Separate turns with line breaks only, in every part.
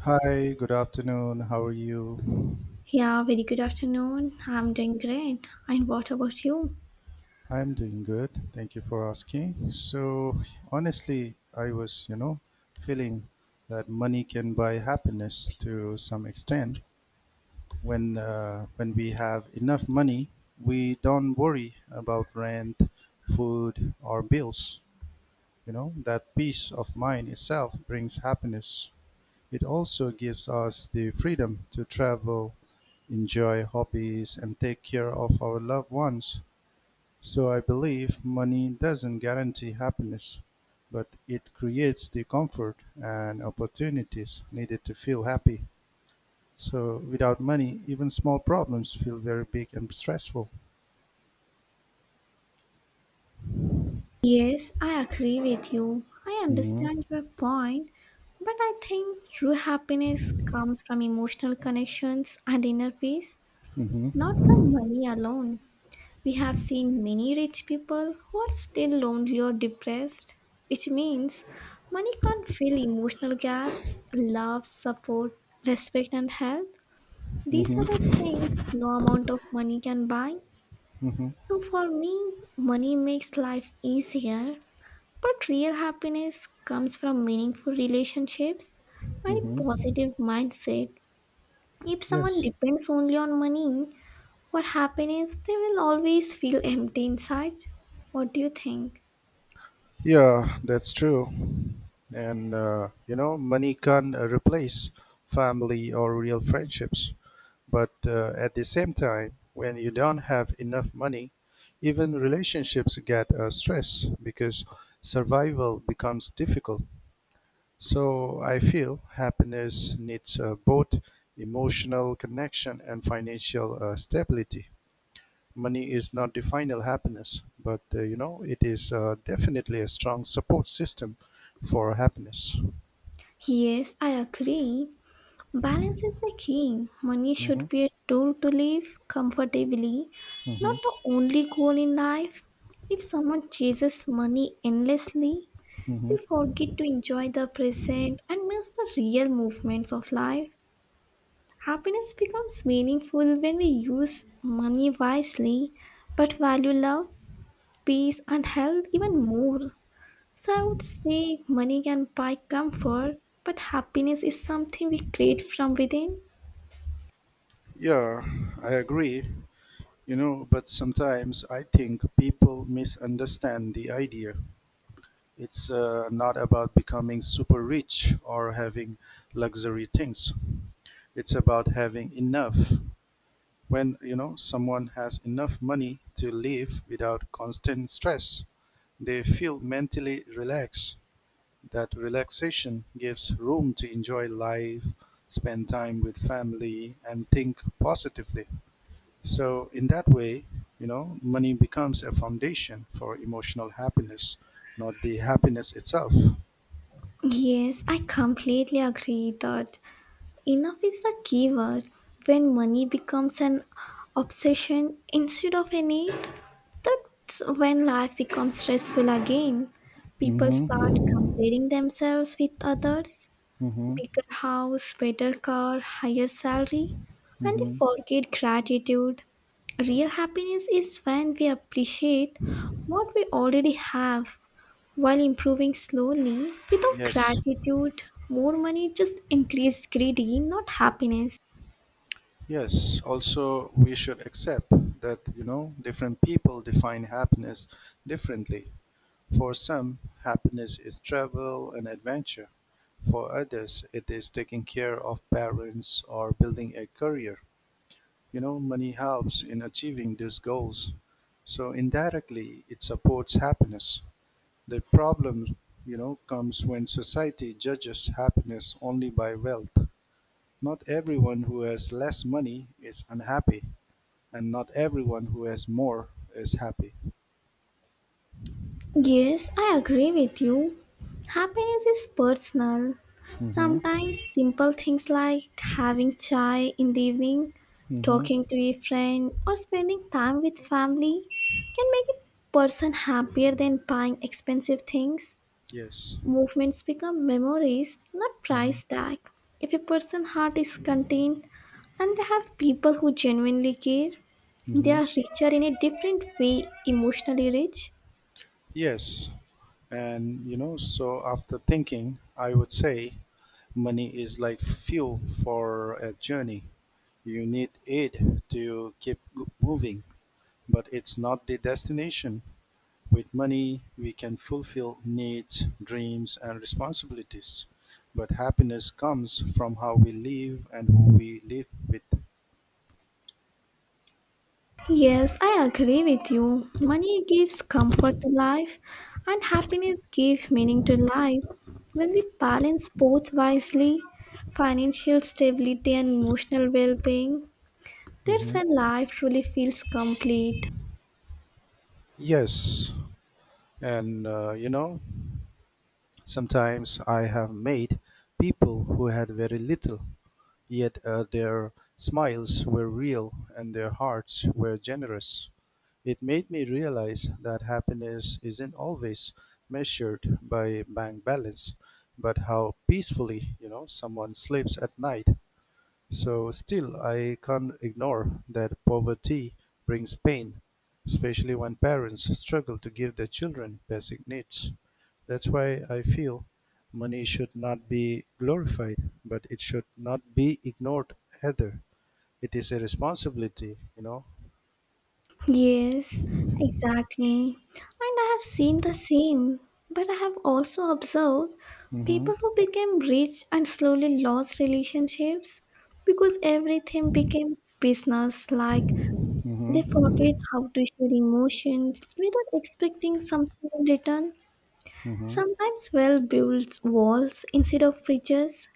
Hi, good afternoon. How are you?
Yeah, very good afternoon. I'm doing great. And what about you?
I'm doing good. Thank you for asking. So, honestly, I was, feeling that money can buy happiness to some extent. When we have enough money, we don't worry about rent, food, or bills. You know, that peace of mind itself brings happiness. It also gives us the freedom to travel enjoy hobbies, and take care of our loved ones. So I believe money doesn't guarantee happiness, but it creates the comfort and opportunities needed to feel happy. So without money, even small problems feel very big and stressful.
Yes, I agree with you. I
Mm-hmm.
understand your point, but I think true happiness comes from emotional connections and inner peace, not
Mm-hmm.
from money alone. We have seen many rich people who are still lonely or depressed, which means money can't fill emotional gaps, love, support, respect, and health. These are the
Mm-hmm.
things no amount of money can buy.
Mm-hmm.
So for me, money makes life easier, but real happiness comes from meaningful relationships and a
Mm-hmm.
positive mindset. If someone
Yes.
depends only on money for happiness, they will always feel empty inside. What do you think?
Yeah, that's true. And you know, money can't replace family or real friendships. But at the same time, when you don't have enough money, even relationships get stressed because survival becomes difficult. So I feel happiness needs both emotional connection and financial stability. Money is not the final happiness, but you know it is definitely a strong support system for happiness.
Yes, I agree. Balance is the key. Money
Hmm.
should be a tool to live comfortably, not
Hmm.
the only goal in life. If someone chases money endlessly,
Hmm.
they forget to enjoy the present and miss the real movements of life. Happiness becomes meaningful when we use money wisely but value love, peace, and health even more. So I would say money can buy comfort, but happiness is something we create from within.
Yeah, I agree. You know, but sometimes I think people misunderstand the idea. It's not about becoming super rich or having luxury things. It's about having enough. When, you know, someone has enough money to live without constant stress, they feel mentally relaxed. That relaxation gives room to enjoy life, spend time with family, and think positively. So in that way, you know, money becomes a foundation for emotional happiness, not the happiness itself.
Yes, I completely agree that enough is the key word. When money becomes an obsession instead of a need, that's when life becomes stressful again. People start
Mm-hmm.
comparing themselves with others,
Mm-hmm.
bigger house, better car, higher salary, and they
Mm-hmm.
forget gratitude. Real happiness is when we appreciate what we already have while improving slowly. Without
Yes.
gratitude, more money just increases greedy, not happiness.
Yes. Also, we should accept that, you know, different people define happiness differently. For some, happiness is travel and adventure. For others, it is taking care of parents or building a career. You know, money helps in achieving these goals, so indirectly it supports happiness. The problem, you know, comes when society judges happiness only by wealth. Not everyone who has less money is unhappy, and not everyone who has more is happy.
Yes, I agree with you. Happiness is personal.
Hmm.
Sometimes simple things like having chai in the evening,
Hmm.
talking to a friend, or spending time with family can make a person happier than buying expensive things.
Yes.
Movements become memories, not
Hmm.
price tag. If a person's heart is contained and they have people who genuinely care, they
Hmm.
are richer in a different way, emotionally rich.
Yes, and you know, so after thinking, I would say money is like fuel for a journey. You need aid to keep moving, but it's not the destination. With money, we can fulfill needs, dreams, and responsibilities. But happiness comes from how we live and who we live with.
Yes, I agree with you. Money gives comfort to life, and happiness gives meaning to life. When we balance both wisely, financial stability and emotional well being, that's
Mhm.
when life truly feels complete.
Yes, and you know, sometimes I have made people who had very little. Yet their smiles were real and their hearts were generous. It made me realize that happiness isn't always measured by bank balance, but how peacefully, you know, someone sleeps at night. So still I can't ignore that poverty brings pain, especially when parents struggle to give their children basic needs. That's why I feel money should not be glorified, but it should not be ignored either. It is a responsibility, you know.
Yes, exactly. And I have seen the same, but I have also observed
Hmm.
people who became rich and slowly lost relationships because everything became business like. They forget
Hmm.
how to share emotions without expecting something in return.
Hmm.
Sometimes well builds walls instead of bridges,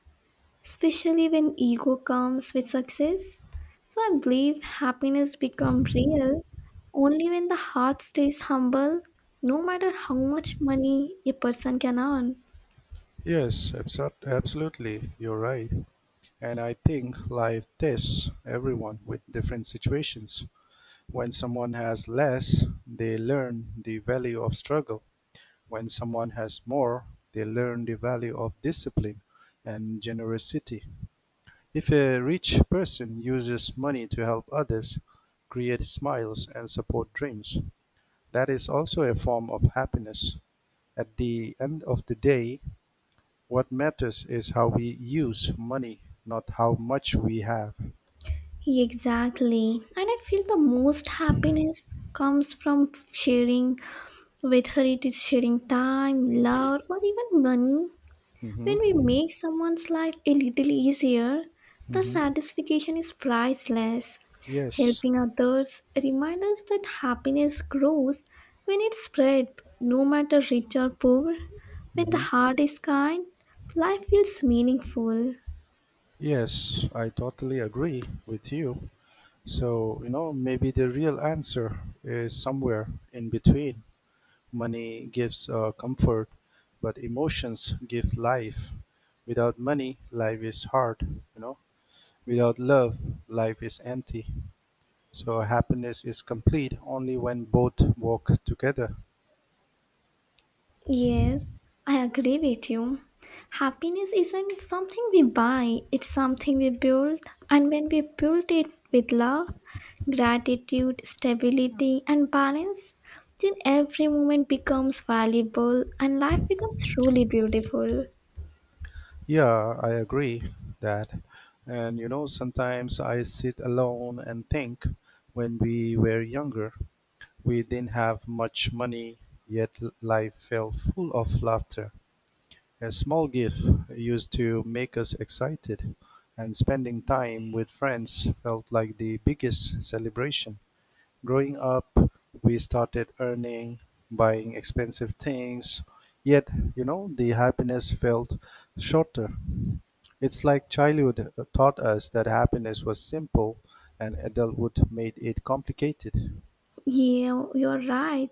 especially when ego comes with success. So I believe happiness becomes real only when the heart stays humble, no matter how much money a person can earn.
Yes, absolutely. You're right. And I think life tests everyone with different situations. When someone has less, they learn the value of struggle. When someone has more, they learn the value of discipline and generosity. If a rich person uses money to help others, create smiles, and support dreams, that is also a form of happiness. At the end of the day, what matters is how we use money, not how much we have.
Exactly. And I feel the most happiness comes from sharing whether it is sharing time, love, or even money.
Mhm.
When we make someone's life a little easier, the
Mhm.
satisfaction is priceless.
Yes.
Helping others reminds us that happiness grows when it's spread, no matter rich or poor. When the
Mhm.
heart is kind, life feels meaningful.
Yes, I totally agree with you. So, you know, maybe the real answer is somewhere in between. Money gives comfort, but emotions give life. Without money, life is hard, you know. Without love, life is empty. So, happiness is complete only when both walk together.
Yes, I agree with you. Happiness isn't something we buy, it's something we build. And when we build it with love, gratitude, stability, and balance, then every moment becomes valuable and life becomes truly beautiful.
Yeah, I agree that. And you know, sometimes I sit alone and think when we were younger, we didn't have much money, yet life felt full of laughter. A small gift used to make us excited, and spending time with friends felt like the biggest celebration. Growing up, we started earning, buying expensive things, yet, you know, the happiness felt shorter. It's like childhood taught us that happiness was simple and adulthood made it complicated.
Yeah, you're right.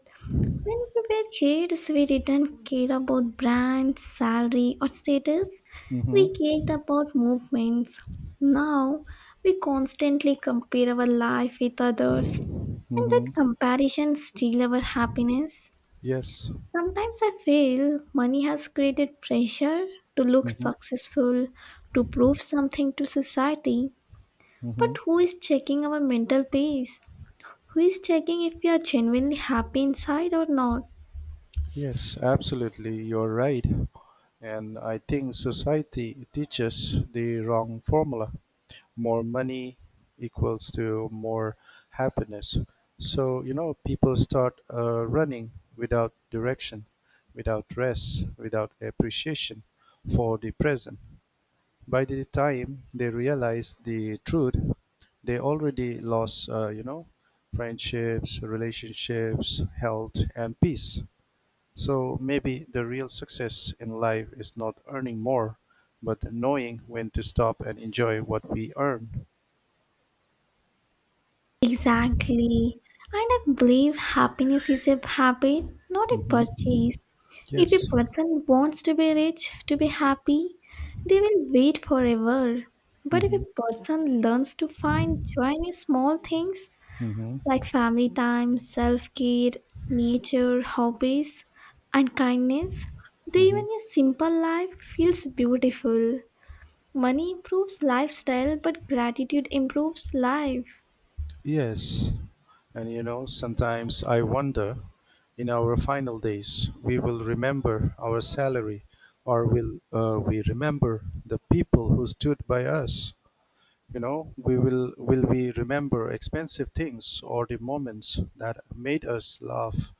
When we were kids, we didn't care about brands, salary, or status.
Mm-hmm.
We cared about movements. Now, we constantly compare our life with others, and that
Mm-hmm.
comparison steals our happiness.
Yes.
Sometimes I feel money has created pressure to look
Mm-hmm.
successful, to prove something to society. But
Mm-hmm.
who is checking our mental peace? Who is checking if we are genuinely happy inside or not?
Yes, absolutely, you're right. And I think society teaches the wrong formula. More money equals to more happiness. So, you know, people start running without direction, without rest, without appreciation for the present. By the time they realize the truth, they already lost, you know, friendships, relationships, health, and peace. So maybe the real success in life is not earning more, but knowing when to stop and enjoy what we earn.
Exactly. And I believe happiness is a habit, not a
Hmm.
purchase. If a
Yes.
person wants to be rich, to be happy, they will wait forever. But if
Hmm.
a person learns to find joy in small things like
Hmm.
family time, self care, nature, hobbies, and kindness, then
Hmm.
even a simple life feels beautiful. Money improves lifestyle, but gratitude improves life.
Yes. And you know, sometimes I wonder in our final days, we will remember our salary, or will we remember the people who stood by us? You know, we will we remember expensive things or the moments that made us laugh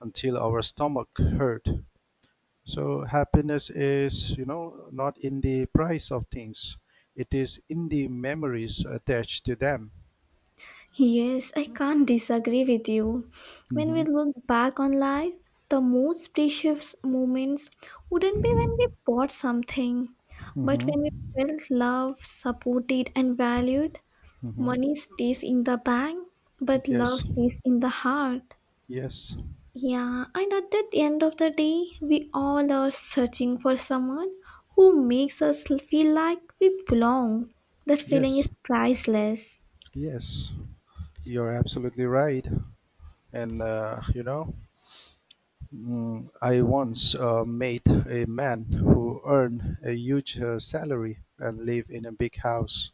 until our stomach hurt. So happiness is, you know, not in the price of things. It is in the memories attached to them.
Yes, I can't disagree with you. When we
Mm-hmm.
look back on life, the most precious moments wouldn't be when we bought something, but
Mm-hmm.
when we felt loved, supported, and valued.
Mm-hmm.
Money stays in the bank, but love
Yes.
stays in the heart.
Yes.
Yeah, and at the end of the day, we all are searching for someone who makes us feel like we belong. That feeling
Yes.
is priceless.
Yes. You're absolutely right. And you know, I once met a man who earned a huge salary and lived in a big house.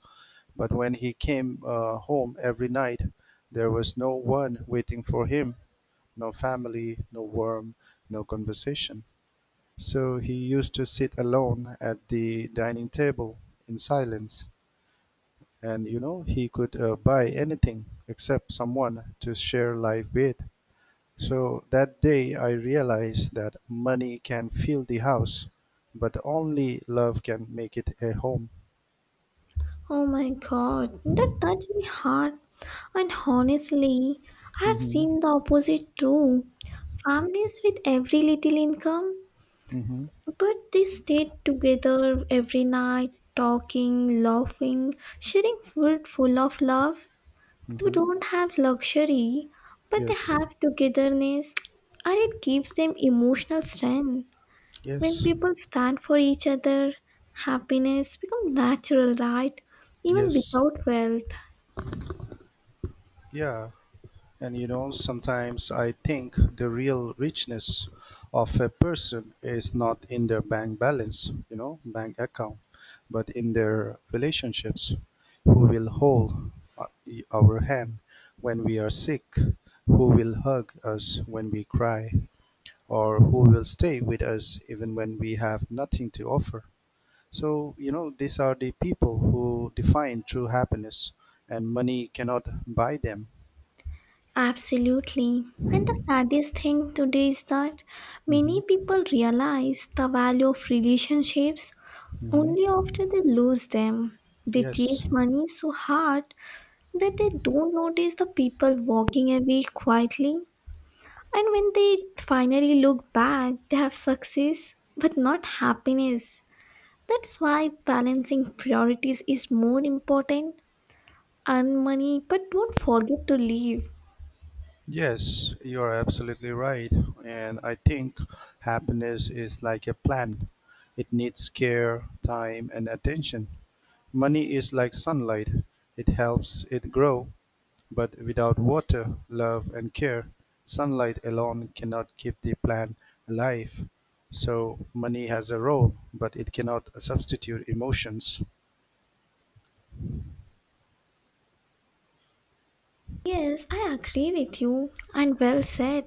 But when he came home every night, there was no one waiting for him, no family, no warmth, no conversation. So he used to sit alone at the dining table in silence. And you know, he could buy anything except someone to share life with. So that day I realized that money can fill the house, but only love can make it a home.
Oh my god, that touched me hard. And honestly, I have
Mm-hmm.
seen the opposite too. Families with every little income,
Mm-hmm.
but they stayed together every night, talking, laughing, sharing food full of love. They
Mm-hmm.
don't have luxury, but they
Yes.
have togetherness, and it gives them emotional strength. When
Yes.
people stand for each other, happiness becomes natural, right? Even
Yes.
without wealth.
Yeah. And you know, sometimes I think the real richness of a person is not in their bank balance, you know, bank account, but in their relationships. Who will hold uh, our hand when we are sick? Who will hug us when we cry? Or who will stay with us even when we have nothing to offer? So, you know, these are the people who define true happiness, and money cannot buy them.
Absolutely. And the saddest thing today is that many
Hmm.
people realize the value of relationships
Hmm.
only after they lose them. They
Yes,
chase money so hard that they don't notice the people walking away quietly. And when they finally look back, they have success but not happiness. That's why balancing priorities is more important. Earn money, but don't forget to live.
yes, you are absolutely right. And I think happiness is like a plant, it needs care, time, and attention. Money is like sunlight, it helps it grow, but without water, love, and care, sunlight alone cannot keep the plant alive. So, money has a role, but it cannot substitute emotions.
Yes, I agree with you, and well said.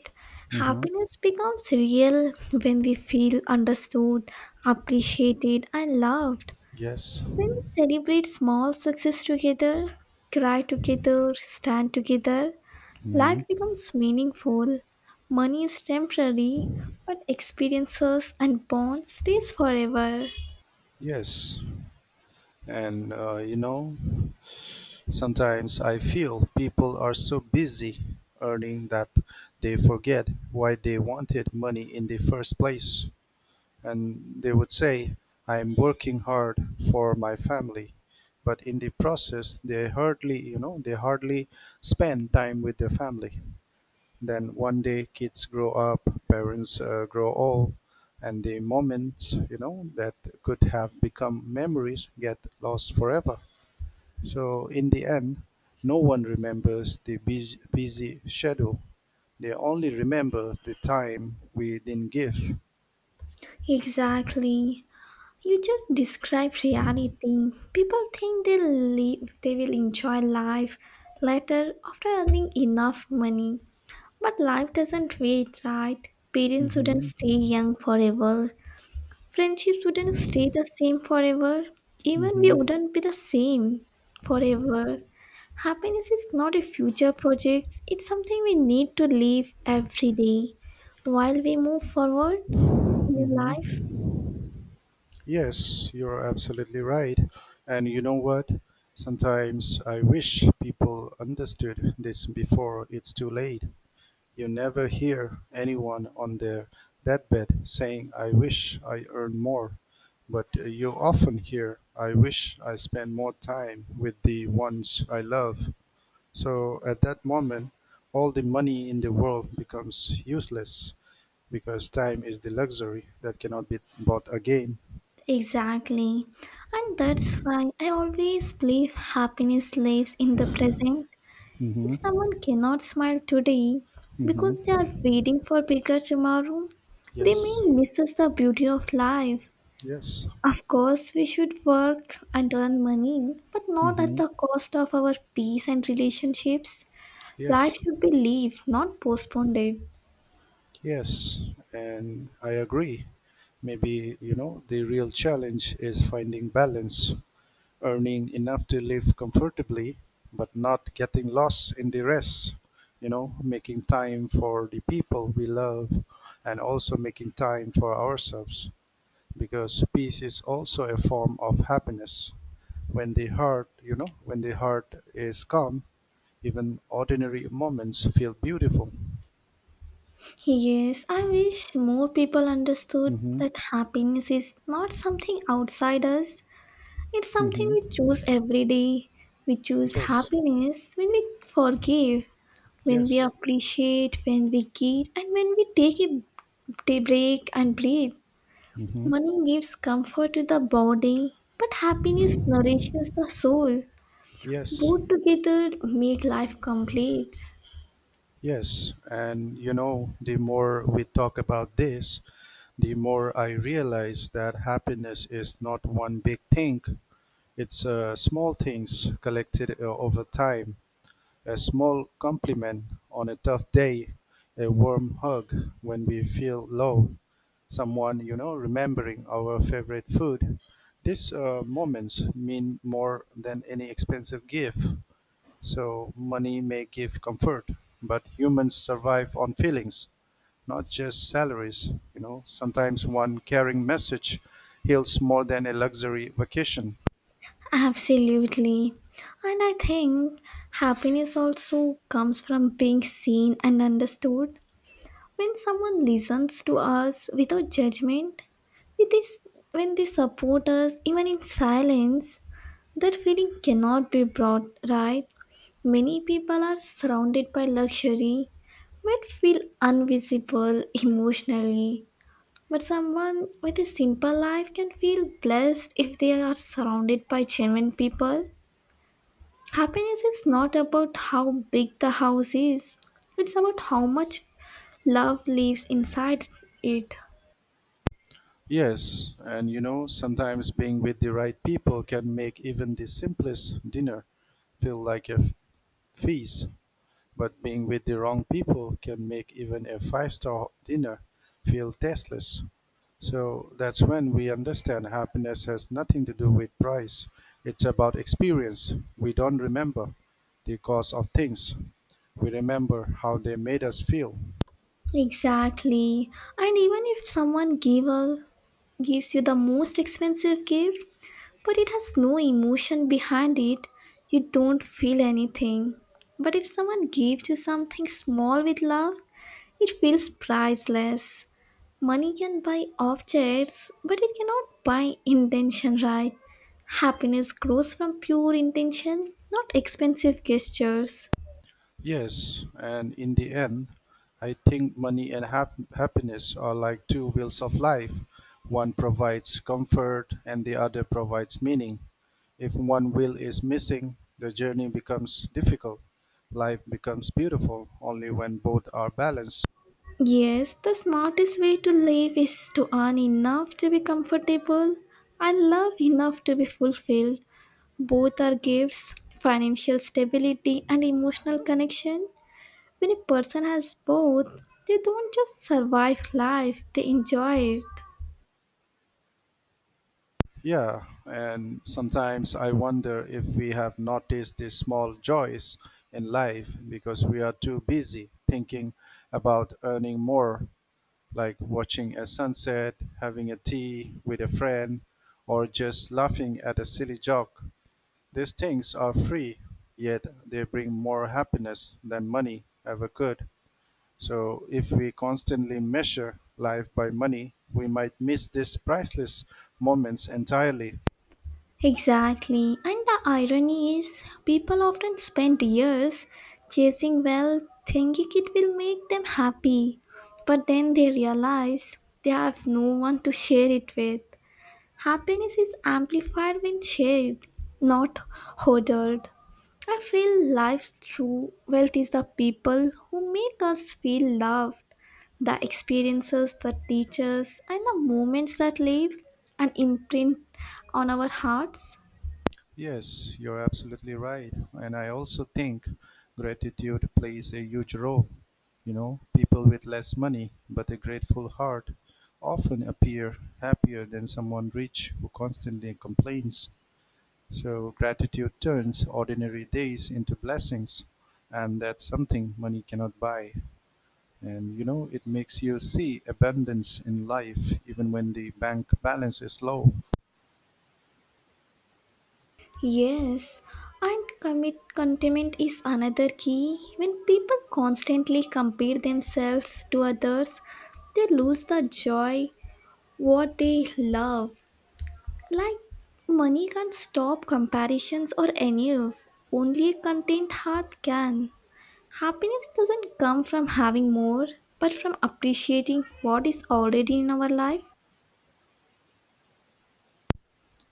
Mhm.
Happiness becomes real when we feel understood, appreciated, and loved.
Yes.
When we celebrate small success together, cry together, stand together, life
Mhm.
becomes meaningful. Money is temporary, but experiences and bonds stays forever.
Yes. And you know, sometimes I feel people are so busy earning that they forget why they wanted money in the first place. And they would say, "I'm working hard for my family." But in the process, they hardly spend time with their family. Then one day kids grow up, parents grow old, and the moments, you know, that could have become memories get lost forever. So in the end, no one remembers the busy, busy schedule. They only remember the time we didn't give.
Exactly. You just describe reality. People think they live, they will enjoy life later after earning enough money. But life doesn't wait, right? Parents wouldn't stay
Hmm.
young forever. Friendships wouldn't stay the same forever. Even we
Hmm.
wouldn't be the same forever. Happiness is not a future project, it's something we need to live every day while we move forward in life.
Hmm. Yes, you're absolutely right. And you know what? Sometimes I wish people understood this before it's too late. You never hear anyone on their deathbed saying, "I wish I earned more," but you often hear, "I wish I spent more time with the ones I love." So at that moment, all the money in the world becomes useless because time is the luxury that cannot be bought again.
Exactly. And that's why I always believe happiness lives in the present. If
Hmm.
someone cannot smile today because they are
Hmm.
waiting for bigger tomorrow, they may
Yes.
miss the beauty of life.
Yes.
Of course, we should work and earn money, but not at
Hmm.
the cost of our peace and relationships. Life
Yes.
should be lived, not postponed.
Yes, and I agree. Maybe, you know, the real challenge is finding balance, earning enough to live comfortably, but not getting lost in the rest, you know, making time for the people we love and also making time for ourselves because peace is also a form of happiness. When the heart is calm, even ordinary moments feel beautiful.
Yes, I wish more people understood
Mhm.
that happiness is not something outside us, it's something
Mhm.
we choose every day. We choose
Yes.
happiness when we forgive, when we
Yes.
appreciate, when we give, and when we take a day break and breathe.
Hmm.
Money gives comfort to the body, but happiness nourishes the soul.
Yes.
Both together make life complete.
Yes. And you know, the more we talk about this, the more I realize that happiness is not one big thing. It's small things collected over time. A small compliment on a tough day, a warm hug when we feel low, someone, you know, remembering our favorite food. These moments mean more than any expensive gift. So money may give comfort, but humans survive on feelings, not just salaries. You know, sometimes one caring message heals more than a luxury vacation.
Absolutely. And I think happiness also comes from being seen and understood. When someone listens to us without judgment, with this, when they support us, even in silence, that feeling cannot be brought right. Many people are surrounded by luxury, but feel invisible emotionally. But someone with a simple life can feel blessed if they are surrounded by genuine people. Happiness is not about how big the house is, it's about how much love lives inside it.
Yes, and you know, sometimes being with the right people can make even the simplest dinner feel like a feast. But being with the wrong people can make even a five-star dinner feel tasteless. So that's when we understand happiness has nothing to do with price. It's about experience. We don't remember the cost of things. We remember how they made us feel.
Exactly. And even if someone gives you the most expensive gift, but it has no emotion behind it, you don't feel anything. But if someone gives you something small with love, it feels priceless. Money can buy objects, but it cannot buy intention, right? Happiness grows from pure intention, not expensive gestures.
Yes, and in the end, I think money and happiness are like two wheels of life. One provides comfort and the other provides meaning. If one wheel is missing, the journey becomes difficult. Life becomes beautiful only when both are balanced.
Yes, the smartest way to live is to earn enough to be comfortable and love enough to be fulfilled. Both are gifts financial stability and emotional connection. When a person has both, they don't just survive life, they enjoy it.
Yeah, and sometimes I wonder if we have noticed these small joys in life because we are too busy thinking about earning more, like watching a sunset, having a tea with a friend, or just laughing at a silly joke. These things are free, yet they bring more happiness than money ever could. So, if we constantly measure life by money, we might miss these priceless moments entirely.
Exactly. And the irony is, people often spend years chasing wealth thinking it will make them happy. But then they realize they have no one to share it with. Happiness is amplified when shared, not hoarded. I feel life's true wealth is the people who make us feel loved, the experiences that teach us, and the moments that leave an imprint on our hearts.
Yes, you're absolutely right. And I also think gratitude plays a huge role. You know, people with less money but a grateful heart often appear happier than someone rich who constantly complains. So, gratitude turns ordinary days into blessings, and that's something money cannot buy. And you know, it makes you see abundance in life even when the bank balance is low.
Yes, and commit contentment is another key. When people constantly compare themselves to others, they lose the joy what they love. Like money can't stop comparisons or any of. Only a content heart can. Happiness doesn't come from having more, but from appreciating what is already in our life.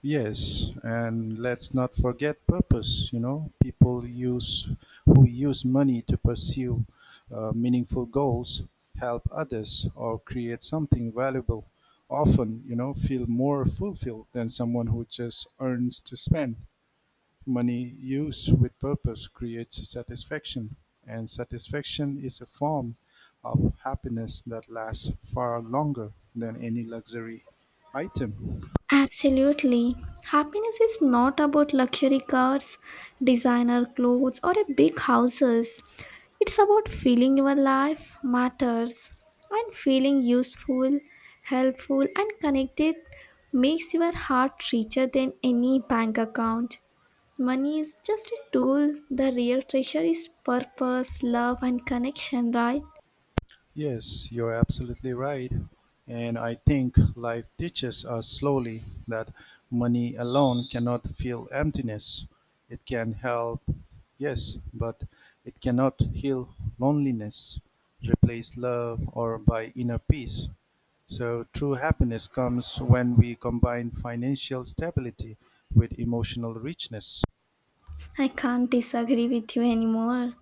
Yes, and let's not forget purpose. You know, people use who use money to pursue meaningful goals, help others, or create something valuable. Often, you know, feel more fulfilled than someone who just earns to spend. Money used with purpose creates satisfaction, and satisfaction is a form of happiness that lasts far longer than any luxury item.
Absolutely. Happiness is not about luxury cars, designer clothes, or a big houses. It's about feeling your life matters and feeling useful, helpful, and connected makes your heart richer than any bank account. Money is just a tool. The real treasure is purpose, love, and connection, right?
Yes, you're absolutely right. And I think life teaches us slowly that money alone cannot fill emptiness. It can help, yes, but it cannot heal loneliness, replace love, or buy inner peace. So true happiness comes when we combine financial stability with emotional richness.
I can't disagree with you anymore.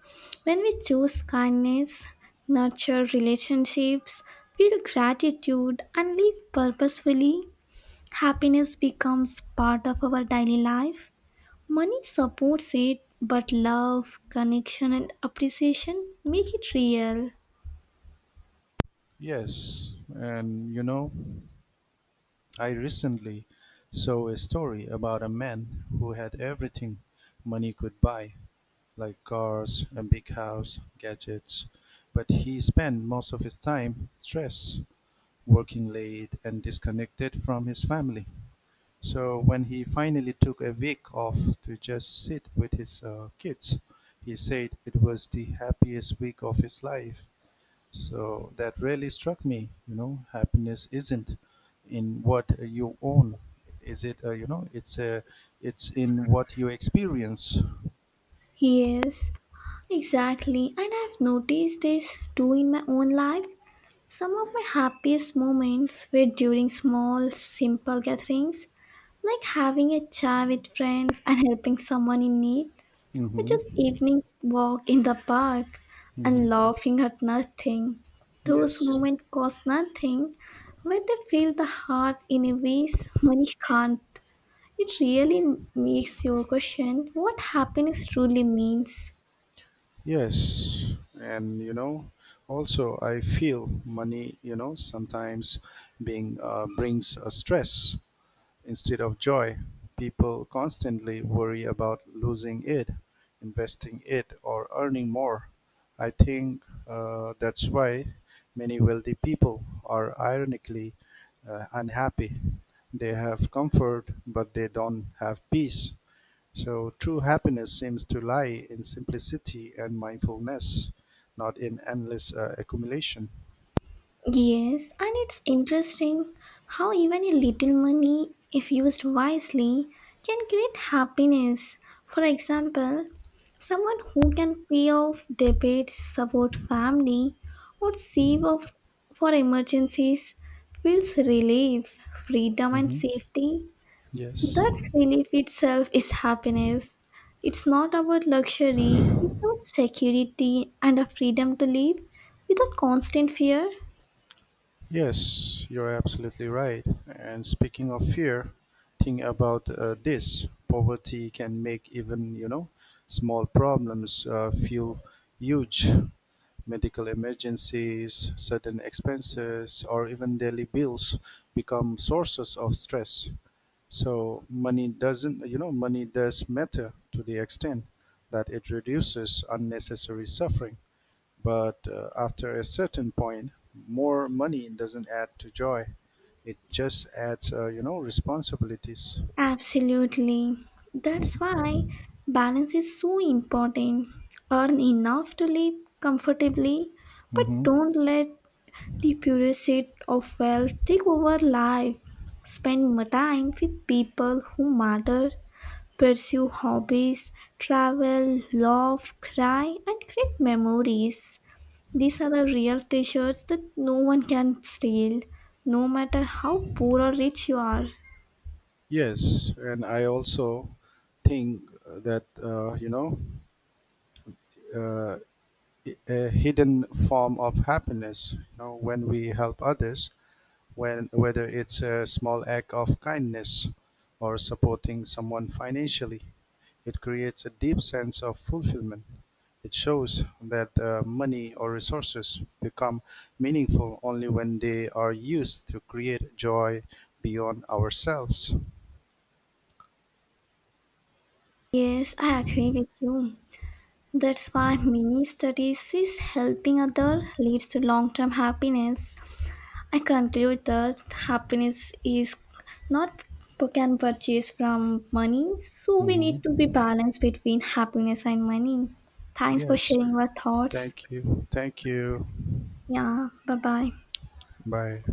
When we choose kindness, nurture relationships, feel gratitude, and live purposefully, happiness becomes part of our daily life. Money supports it, but love, connection, and appreciation make it real.
Yes, and you know, I recently saw a story about a man who had everything money could buy, like cars, a big house, gadgets, but he spent most of his time stressed, working late, and disconnected from his family. So when he finally took a week off to just sit with his kids, he said it was the happiest week of his life. So that really struck me. You know, happiness isn't in what you own. Is it? You know, it's it's in what you experience.
Yes, exactly. And I've noticed this too in my own life. Some of my happiest moments were during small, simple gatherings, like having a chai with friends and helping someone in need, or just
Hmm.
evening walk in the park
Hmm.
and laughing at nothing. Those
Yes.
moments cost nothing, but they fill the heart in a ways money can't. It really makes you question what happiness truly means.
Yes. And you know, also I feel money. You know, sometimes being brings a stress. Instead of joy, people constantly worry about losing it, investing it, or earning more. I think that's why many wealthy people are ironically unhappy. They have comfort, but they don't have peace. So true happiness seems to lie in simplicity and mindfulness, not in endless accumulation.
Yes, and it's interesting how even a little money, if used wisely, can create happiness. For example, someone who can pay off debts, support family, or save off for emergencies feels relief, freedom, and
Mhm.
safety.
Yes.
That relief itself is happiness. It's not about luxury, it's about security and a freedom to live without constant fear.
Yes, you're absolutely right. And speaking of fear, think about this. Poverty can make even, you know, small problems feel huge. Medical emergencies, sudden expenses, or even daily bills become sources of stress. So money doesn't, you know, money does matter to the extent that it reduces unnecessary suffering. But after a certain point, more money doesn't add to joy. It just adds, you know, responsibilities.
Absolutely. That's why balance is so important. Earn enough to live comfortably, but
Mm-hmm.
don't let the pursuit of wealth take over life. Spend more time with people who matter, pursue hobbies, travel, laugh, cry, and create memories. These are the real treasures that no one can steal, no matter how poor or rich you are.
Yes, and I also think that you know uh, a hidden form of happiness. You know, when we help others, when, whether it's a small act of kindness or supporting someone financially. It creates a deep sense of fulfillment. It shows that money or resources become meaningful only when they are used to create joy beyond ourselves.
Yes, I agree with you. That's why many studies says helping other leads to long-term happiness. I conclude that happiness is not can purchase from money, so we need
Mhm.
to be balanced between happiness and money. Thanks for
Yes,
sharing your thoughts.
thank you. Thank you.
Yeah, bye bye.
Bye.